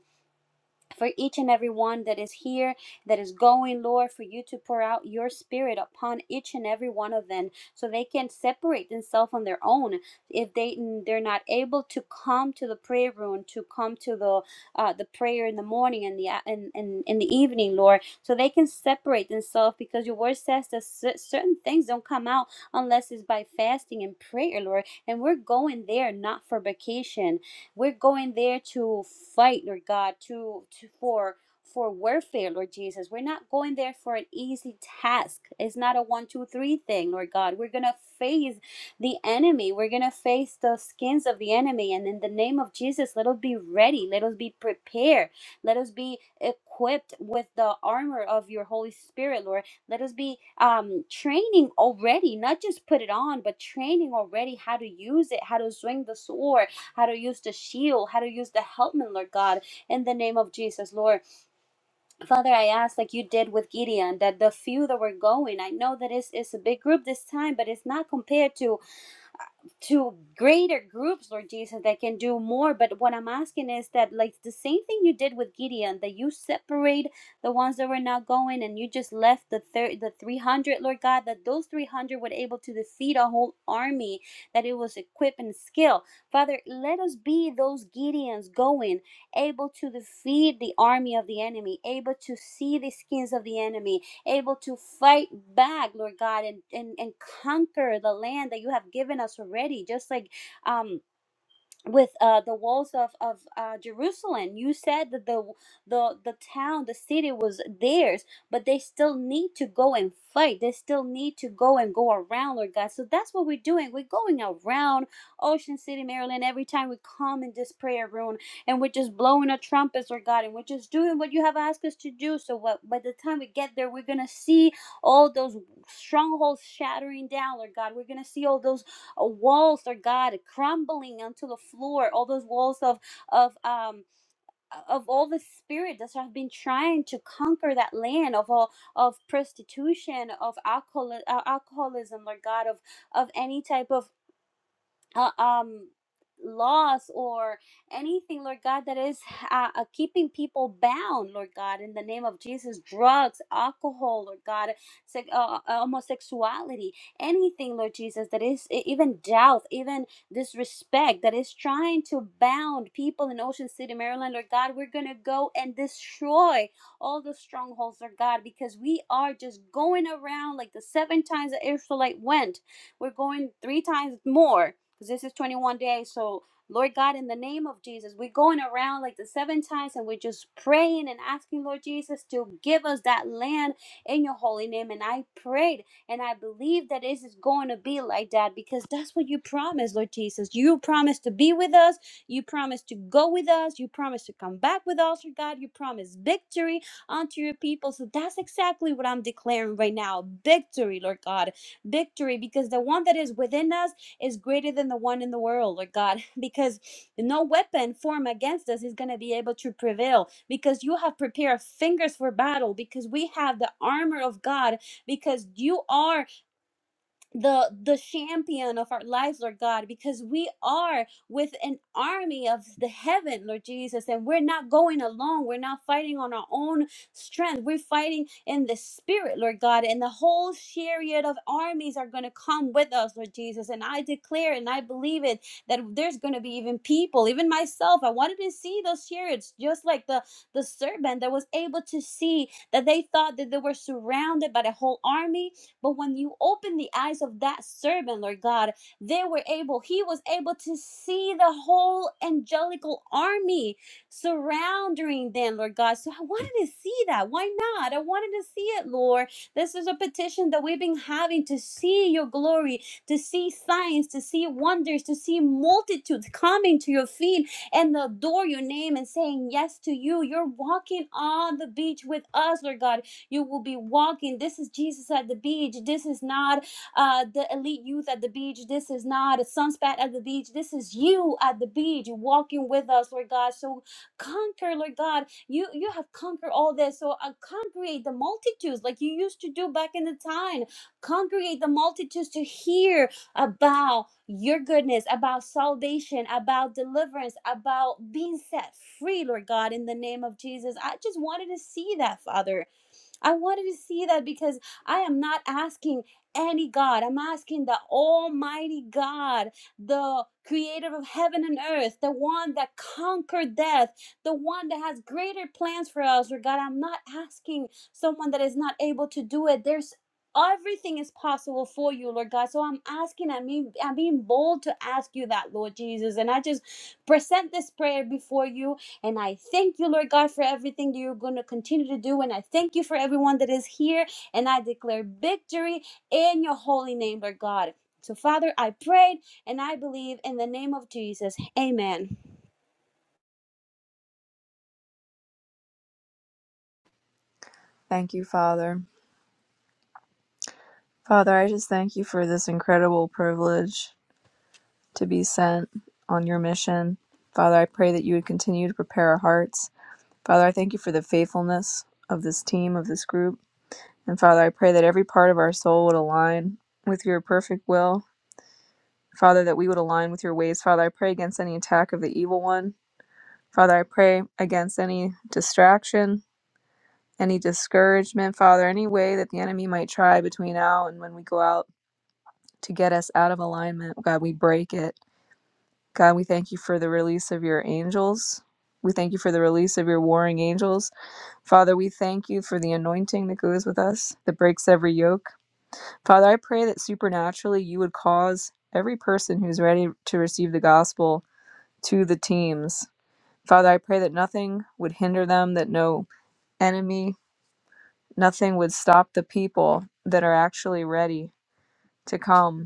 Speaker 4: for each and every one that is here, that is going, Lord, for you to pour out your spirit upon each and every one of them so they can separate themselves on their own. If they they're not able to come to the prayer room, to come to the uh, the prayer in the morning and the and, and in the evening, Lord, so they can separate themselves because your word says that cer- certain things don't come out unless it's by fasting and prayer, Lord. And we're going there not for vacation we're going there to fight, Lord God, to, to for for warfare, Lord Jesus. We're not going there for an easy task. It's not a one, two, three thing, Lord God. We're gonna face the enemy. We're gonna face the skins of the enemy. And in the name of Jesus, let us be ready. Let us be prepared. Let us be equipped with the armor of your Holy Spirit, Lord. Let us be um, training already, not just put it on, but training already how to use it, how to swing the sword, how to use the shield, how to use the helmet, Lord God, in the name of Jesus, Lord. Father, I ask, like you did with Gideon, that the few that were going, I know that it's, it's a big group this time, but it's not compared to to greater groups, Lord Jesus, that can do more. But what I'm asking is that, like the same thing you did with Gideon, that you separate the ones that were not going, and you just left the thir- the 300, Lord God, that those 300 were able to defeat a whole army, that it was equipped and skill. Father, let us be those Gideons going, able to defeat the army of the enemy, able to see the skins of the enemy, able to fight back, Lord God, and, and, and conquer the land that you have given us already. Just like um with uh, the walls of of uh, Jerusalem. You said that the the the town, the city was theirs, but they still need to go and fight. They still need to go and go around, Lord God. So that's what we're doing. We're going around Ocean City, Maryland. Every time we come in this prayer room, and we're just blowing our trumpets, Lord God, and we're just doing what you have asked us to do. So what, by the time we get there, we're gonna see all those strongholds shattering down, Lord God. We're gonna see all those uh, walls, Lord God, crumbling onto the floor, all those walls of of um of all the spirit that have been trying to conquer that land of all of prostitution, of alcohol, uh, alcoholism, Lord God, of of any type of uh, um laws or anything lord god that is uh, uh, keeping people bound lord god in the name of jesus drugs alcohol lord god se- uh, uh, homosexuality anything lord jesus that is e- even doubt even disrespect that is trying to bound people in ocean city maryland lord god we're gonna go and destroy all the strongholds lord god because we are just going around like the seven times the israelite went we're going three times more because this is 21 days. So, Lord God, in the name of Jesus, we're going around like the seven times and we're just praying and asking, Lord Jesus, to give us that land in your holy name. And I prayed and I believe that it is going to be like that because that's what you promised, Lord Jesus. You promised to be with us, you promised to go with us, you promised to come back with us, Lord God. You promised victory unto your people. So, that's exactly what I'm declaring right now victory, Lord God. Victory because the one that is within us is greater than the one in the world, Lord God, (laughs) because no weapon formed against us is going to be able to prevail because you have prepared fingers for battle, because we have the armor of God, because you are the the champion of our lives lord god because we are with an army of the heaven lord jesus and we're not going alone we're not fighting on our own strength we're fighting in the spirit lord god and the whole chariot of armies are going to come with us lord jesus and i declare and i believe it that there's going to be even people even myself i wanted to see those chariots just like the the serpent that was able to see that they thought that they were surrounded by the whole army but when you opened the eyes of that servant, Lord God, they were able, he was able to see the whole angelical army surrounding them, Lord God. So I wanted to see that. Why not? I wanted to see it, Lord. This is a petition that we've been having to see your glory, to see signs, to see wonders, to see multitudes coming to your feet and adore your name and saying yes to you. You're walking on the beach with us, Lord God. You will be walking. This is Jesus at the beach. This is not uh, the elite youth at the beach. This is not a sunspot at the beach. This is you at the beach You're walking with us, Lord God. So conquer, Lord God. You you have conquered all this. So uh, congregate the multitudes like you used to do back in the time. Congregate the multitudes to hear about your goodness, about salvation, about deliverance, about being set free, Lord God, in the name of Jesus. I just wanted to see that, Father. I wanted to see that because I am not asking any God. I'm asking the Almighty God, the creator of heaven and earth, the one that conquered death, the one that has greater plans for us. Or God, I'm not asking someone that is not able to do it. There's Everything is possible for you, Lord God. So I'm asking, I mean, I'm being bold to ask you that, Lord Jesus. And I just present this prayer before you and I thank you, Lord God, for everything that you're going to continue to do. And I thank you for everyone that is here. And I declare victory in your holy name, Lord God. So, Father, I prayed and I believe in the name of Jesus. Amen.
Speaker 5: Thank you, Father. Father, I just thank you for this incredible privilege to be sent on your mission. Father, I pray that you would continue to prepare our hearts. Father, I thank you for the faithfulness of this team, of this group. And Father, I pray that every part of our soul would align with your perfect will. Father, that we would align with your ways. Father, I pray against any attack of the evil one. Father, I pray against any distraction, any discouragement. Father, any way that the enemy might try between now and when we go out to get us out of alignment. God, we break it. God, we thank you for the release of your angels. We thank you for the release of your warring angels. Father, we thank you for the anointing that goes with us, that breaks every yoke. Father, I pray that supernaturally you would cause every person who's ready to receive the gospel to the teams. Father, I pray that nothing would hinder them, that no enemy, nothing would stop the people that are actually ready to come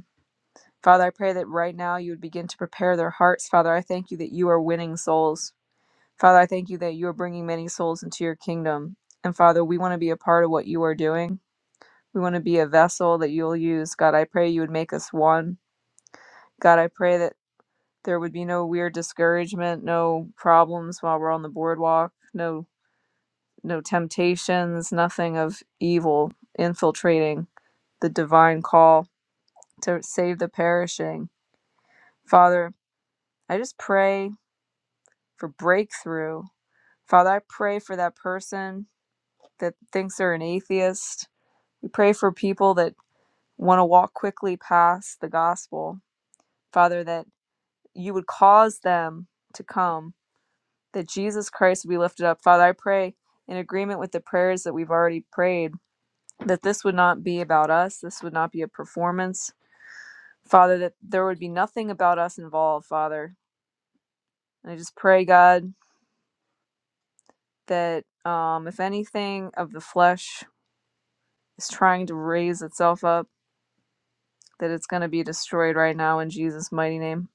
Speaker 5: Father, I pray that right now you would begin to prepare their hearts. Father, I thank you that you are winning souls. Father, I thank you that you are bringing many souls into your kingdom. And Father, we want to be a part of what you are doing. We want to be a vessel that you'll use. God, I pray you would make us one. God, I pray that there would be no weird discouragement, no problems while we're on the boardwalk, no no temptations, nothing of evil infiltrating the divine call to save the perishing. Father, I just pray for breakthrough. Father, I pray for that person that thinks they're an atheist. We pray for people that want to walk quickly past the gospel. Father, that you would cause them to come, that Jesus Christ would be lifted up. Father, I pray in agreement with the prayers that we've already prayed that this would not be about us, this would not be a performance. Father, that there would be nothing about us involved, Father. And I just pray, God, that um, if anything of the flesh is trying to raise itself up, that it's going to be destroyed right now in Jesus' mighty name.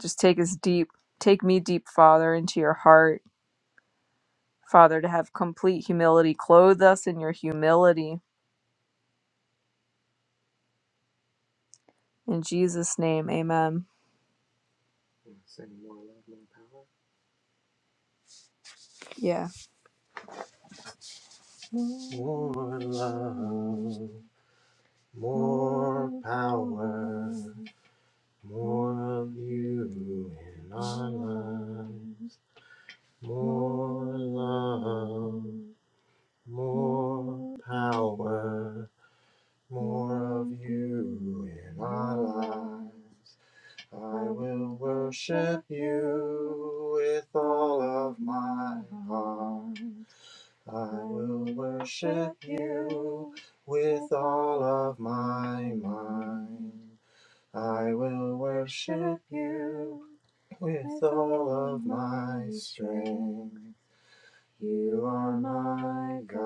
Speaker 5: Just take us deep, take me deep, Father, into your heart, Father, to have complete humility. Clothe us in your humility. In Jesus' name, amen. Sing more love, more power. Yeah. More love, more power, more of you in our lives. More love, More power, more of you in our lives. I will worship you with all of my heart. I will worship you with all of my mind. I will worship you with all of my strength. You are my God.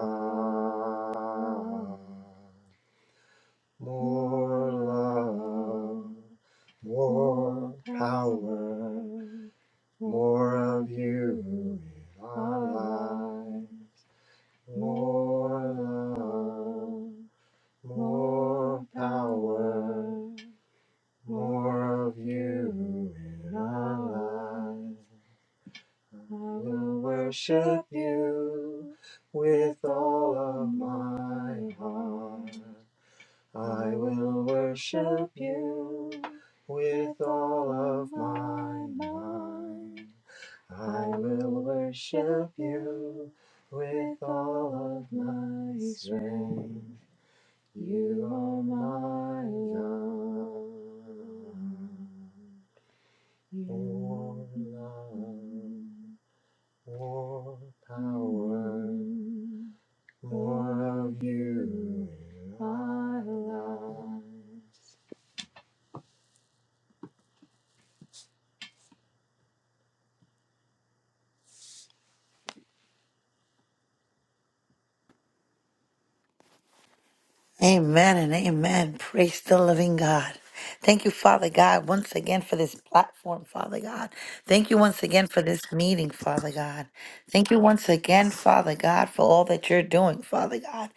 Speaker 5: More love, more power, more of you in our lives. More love, more power, more of you in our lives. I will worship you with all of my heart. I will worship you with all of my mind. I will worship you with all of my strength. You are my God. You are love. More power, Mm, more of you in our lives.
Speaker 6: Amen and amen. Praise the living God. Thank you, Father God, once again for this platform, Father God. Thank you once again for this meeting, Father God. Thank you once again, Father God, for all that you're doing, Father God.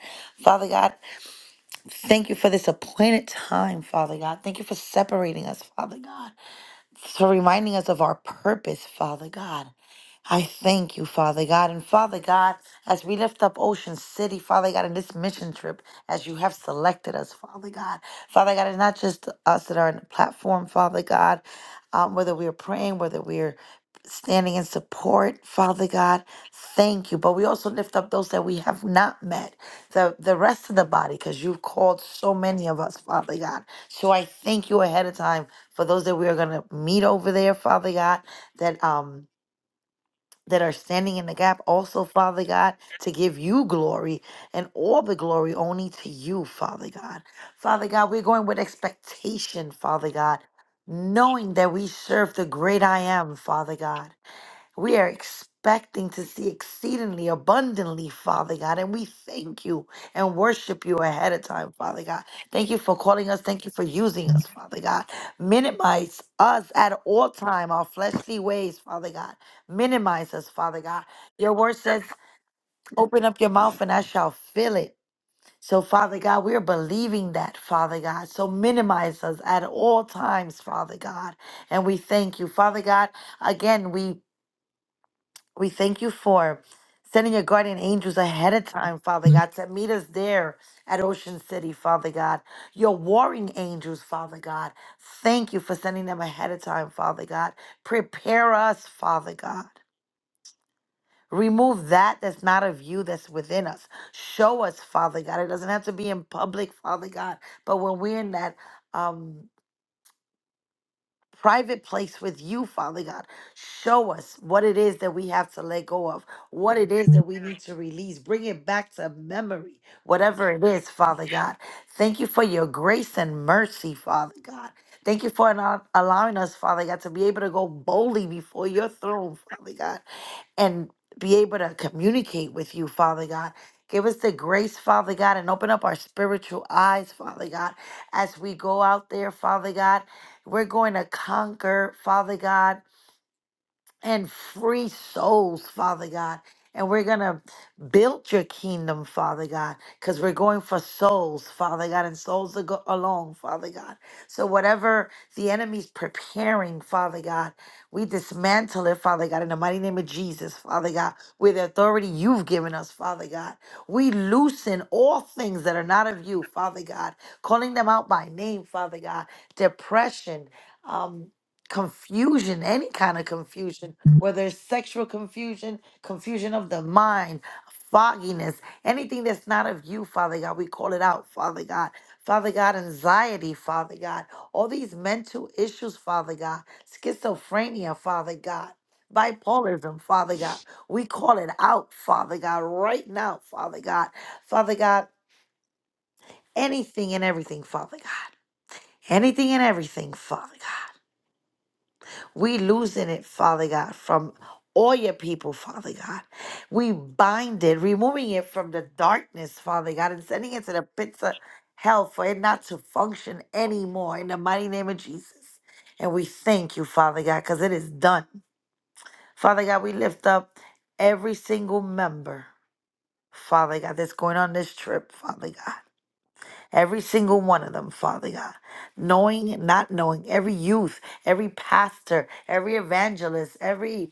Speaker 6: Father God, thank you for this appointed time, Father God. Thank you for separating us, Father God, for reminding us of our purpose, Father God. I thank you, Father God. And Father God, as we lift up Ocean City, Father God, in this mission trip, as you have selected us, Father God. Father God, it's not just us that are on the platform, Father God, um, whether we're praying, whether we're standing in support, Father God, thank you. But we also lift up those that we have not met, the, the rest of the body, because you've called so many of us, Father God. So I thank you ahead of time for those that we are going to meet over there, Father God, that, um, that are standing in the gap also, Father God, to give you glory and all the glory only to you, Father God. Father God, we're going with expectation, Father God, knowing that we serve the great I am, Father God. We are expecting to see exceedingly abundantly, Father God, and we thank you and worship you ahead of time, Father God. Thank you for calling us. Thank you for using us, Father God. Minimize us at all time, our fleshly ways, Father God. Minimize us, Father God. Your word says, open up your mouth and I shall fill it. So, Father God, we are believing that, Father God. So, minimize us at all times, Father God. And we thank you, Father God. Again, we we thank you for sending your guardian angels ahead of time, Father God, to meet us there at Ocean City, Father God. Your warring angels, Father God. Thank you for sending them ahead of time, Father God. Prepare us, Father God. Remove that that's not of you that's within us. Show us, Father God. It doesn't have to be in public, Father God, but when we're in that. um. private place with you, Father God. Show us what it is that we have to let go of, what it is that we need to release. Bring it back to memory, whatever it is, Father God. Thank you for your grace and mercy, Father God. Thank you for not allowing us, Father God, to be able to go boldly before your throne, Father God, and be able to communicate with you, Father God. Give us the grace, Father God, and open up our spiritual eyes, Father God, as we go out there, Father God we're going to conquer, Father God and free souls, Father God. And we're going to build your kingdom, Father God, because we're going for souls, Father God, and souls to go along, Father God. So whatever the enemy's preparing, Father God, we dismantle it, Father God, in the mighty name of Jesus, Father God, with the authority you've given us, Father God. We loosen all things that are not of you, Father God, calling them out by name, Father God. Depression, um, confusion, any kind of confusion, whether it's sexual confusion, confusion of the mind, fogginess, anything that's not of you, Father God, we call it out, Father God. Father God, anxiety, Father God, all these mental issues, Father God, schizophrenia, Father God. Bipolarism, Father God. We call it out, Father God, right now, Father God. Father God, anything and everything, Father God. Anything and everything, Father God. We loosen it, Father God, from all your people, Father God. We bind it, removing it from the darkness, Father God, and sending it to the pits of hell for it not to function anymore in the mighty name of Jesus. And we thank you, Father God, because it is done. Father God, we lift up every single member, Father God, that's going on this trip, Father God. Every single one of them, Father God. Knowing, and not knowing, every youth, every pastor, every evangelist, every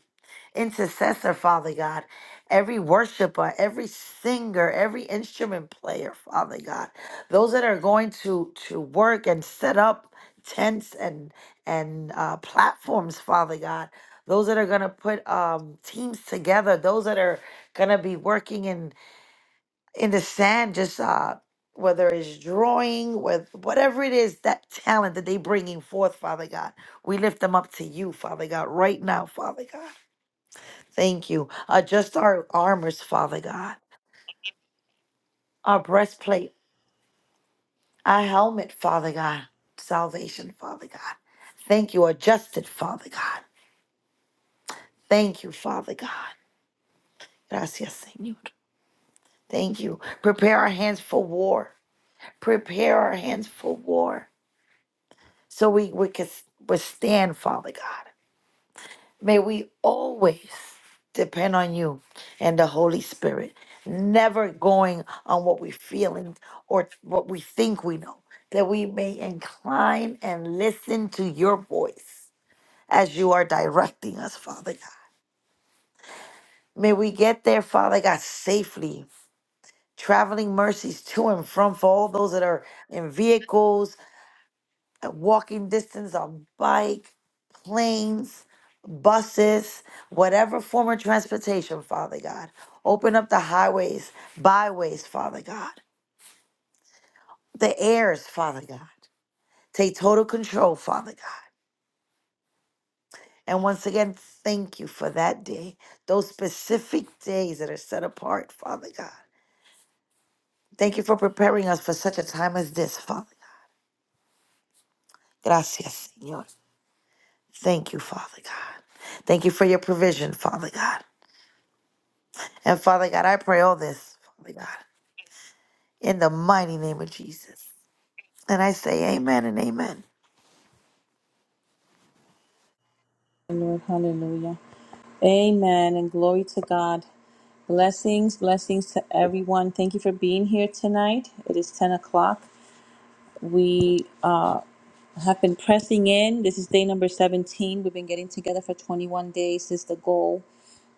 Speaker 6: intercessor, Father God, every worshiper, every singer, every instrument player, Father God. Those that are going to to work and set up tents and and uh, platforms, Father God. Those that are gonna put um, teams together. Those that are gonna be working in the sand, just uh, whether it's drawing, with whatever it is, that talent that they bringing forth, Father God, we lift them up to you, Father God, right now, Father God. Thank you. Adjust our armors, Father God, our breastplate, our helmet, Father God, salvation, Father God. Thank you. Adjust it, Father God. Thank you, Father God. Gracias, Señor. Thank you. Prepare our hands for war. Prepare our hands for war. so we, we can withstand, Father God. May we always depend on you and the Holy Spirit, never going on what we feel and or what we think we know, that we may incline and listen to your voice as you are directing us, Father God. May we get there, Father God, safely. Traveling mercies to and from for all those that are in vehicles, at walking distance on bike, planes, buses, whatever form of transportation, Father God. Open up the highways, byways, Father God, the airs, Father God. Take total control, Father God. And once again, thank you for that day, those specific days that are set apart, Father God. Thank you for preparing us for such a time as this, Father God. Gracias, Señor. Thank you, Father God. Thank you for your provision, Father God. And Father God, I pray all this, Father God, in the mighty name of Jesus. And I say amen and amen.
Speaker 1: Lord, hallelujah. Amen. And glory to God. Blessings, blessings to everyone. Thank you for being here tonight. It is 10 o'clock. We uh, have been pressing in. This is day number 17. We've been getting together for 21 days. This is the goal.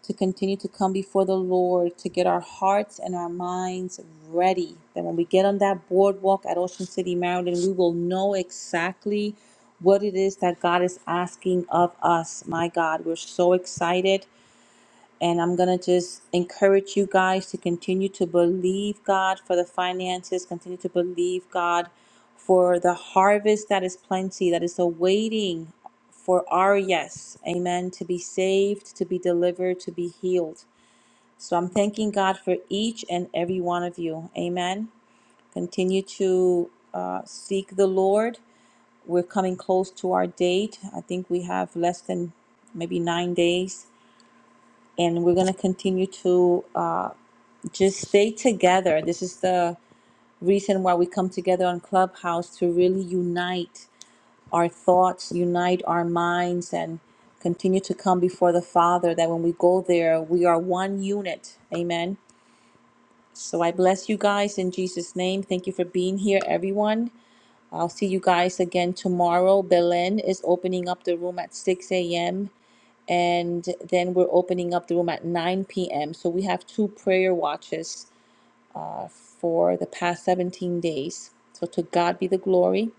Speaker 1: to continue to come before the Lord, to get our hearts and our minds ready. That when we get on that boardwalk at Ocean City, Maryland, we will know exactly what it is that God is asking of us. My God, we're so excited. And I'm going to just encourage you guys to continue to believe God for the finances, continue to believe God for the harvest that is plenty, that is awaiting for our yes. Amen. To be saved, to be delivered, to be healed. So I'm thanking God for each and every one of you. Amen. Continue to uh, seek the Lord. We're coming close to our date. I think we have less than maybe nine days and we're going to continue to uh, just stay together. This is the reason why we come together on Clubhouse to really unite our thoughts, unite our minds, and continue to come before the Father. That when we go there, we are one unit. Amen. So I bless you guys in Jesus' name. Thank you for being here, everyone. I'll see you guys again tomorrow. Belen is opening up the room at 6 a.m and then we're opening up the room at 9 p.m. So we have two prayer watches for the past 17 days. So to God be the glory.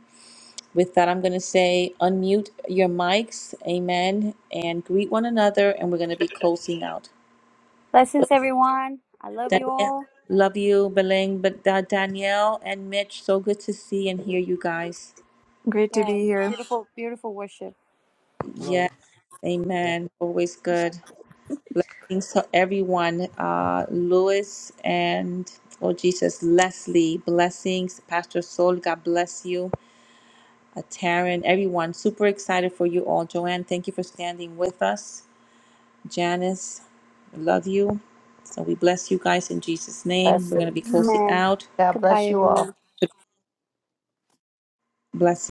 Speaker 1: With that, I'm going to say unmute your mics, amen, and greet one another, and we're going to be closing out.
Speaker 4: Blessings, everyone. I love you
Speaker 1: Danielle,
Speaker 4: all.
Speaker 1: love you, Beleng, but Da- Danielle and Mitch, so good to see and hear you guys.
Speaker 5: Great to
Speaker 4: Yes,
Speaker 5: be here.
Speaker 4: beautiful, beautiful worship.
Speaker 5: Hello.
Speaker 1: Yeah,
Speaker 5: Yeah.
Speaker 1: amen. Always good. Blessings to everyone. Uh, Lewis and oh Jesus, Leslie. Blessings, Pastor Soul. God bless you. Uh, Taryn, everyone. Super excited for you all. Joanne, thank you for standing with us. Janice, we love you. So we bless you guys in Jesus' name. We're gonna be
Speaker 6: Blessings.
Speaker 1: closing
Speaker 4: Amen.
Speaker 1: out.
Speaker 6: God
Speaker 4: Goodbye,
Speaker 6: bless you all.
Speaker 4: everyone.
Speaker 1: Blessings.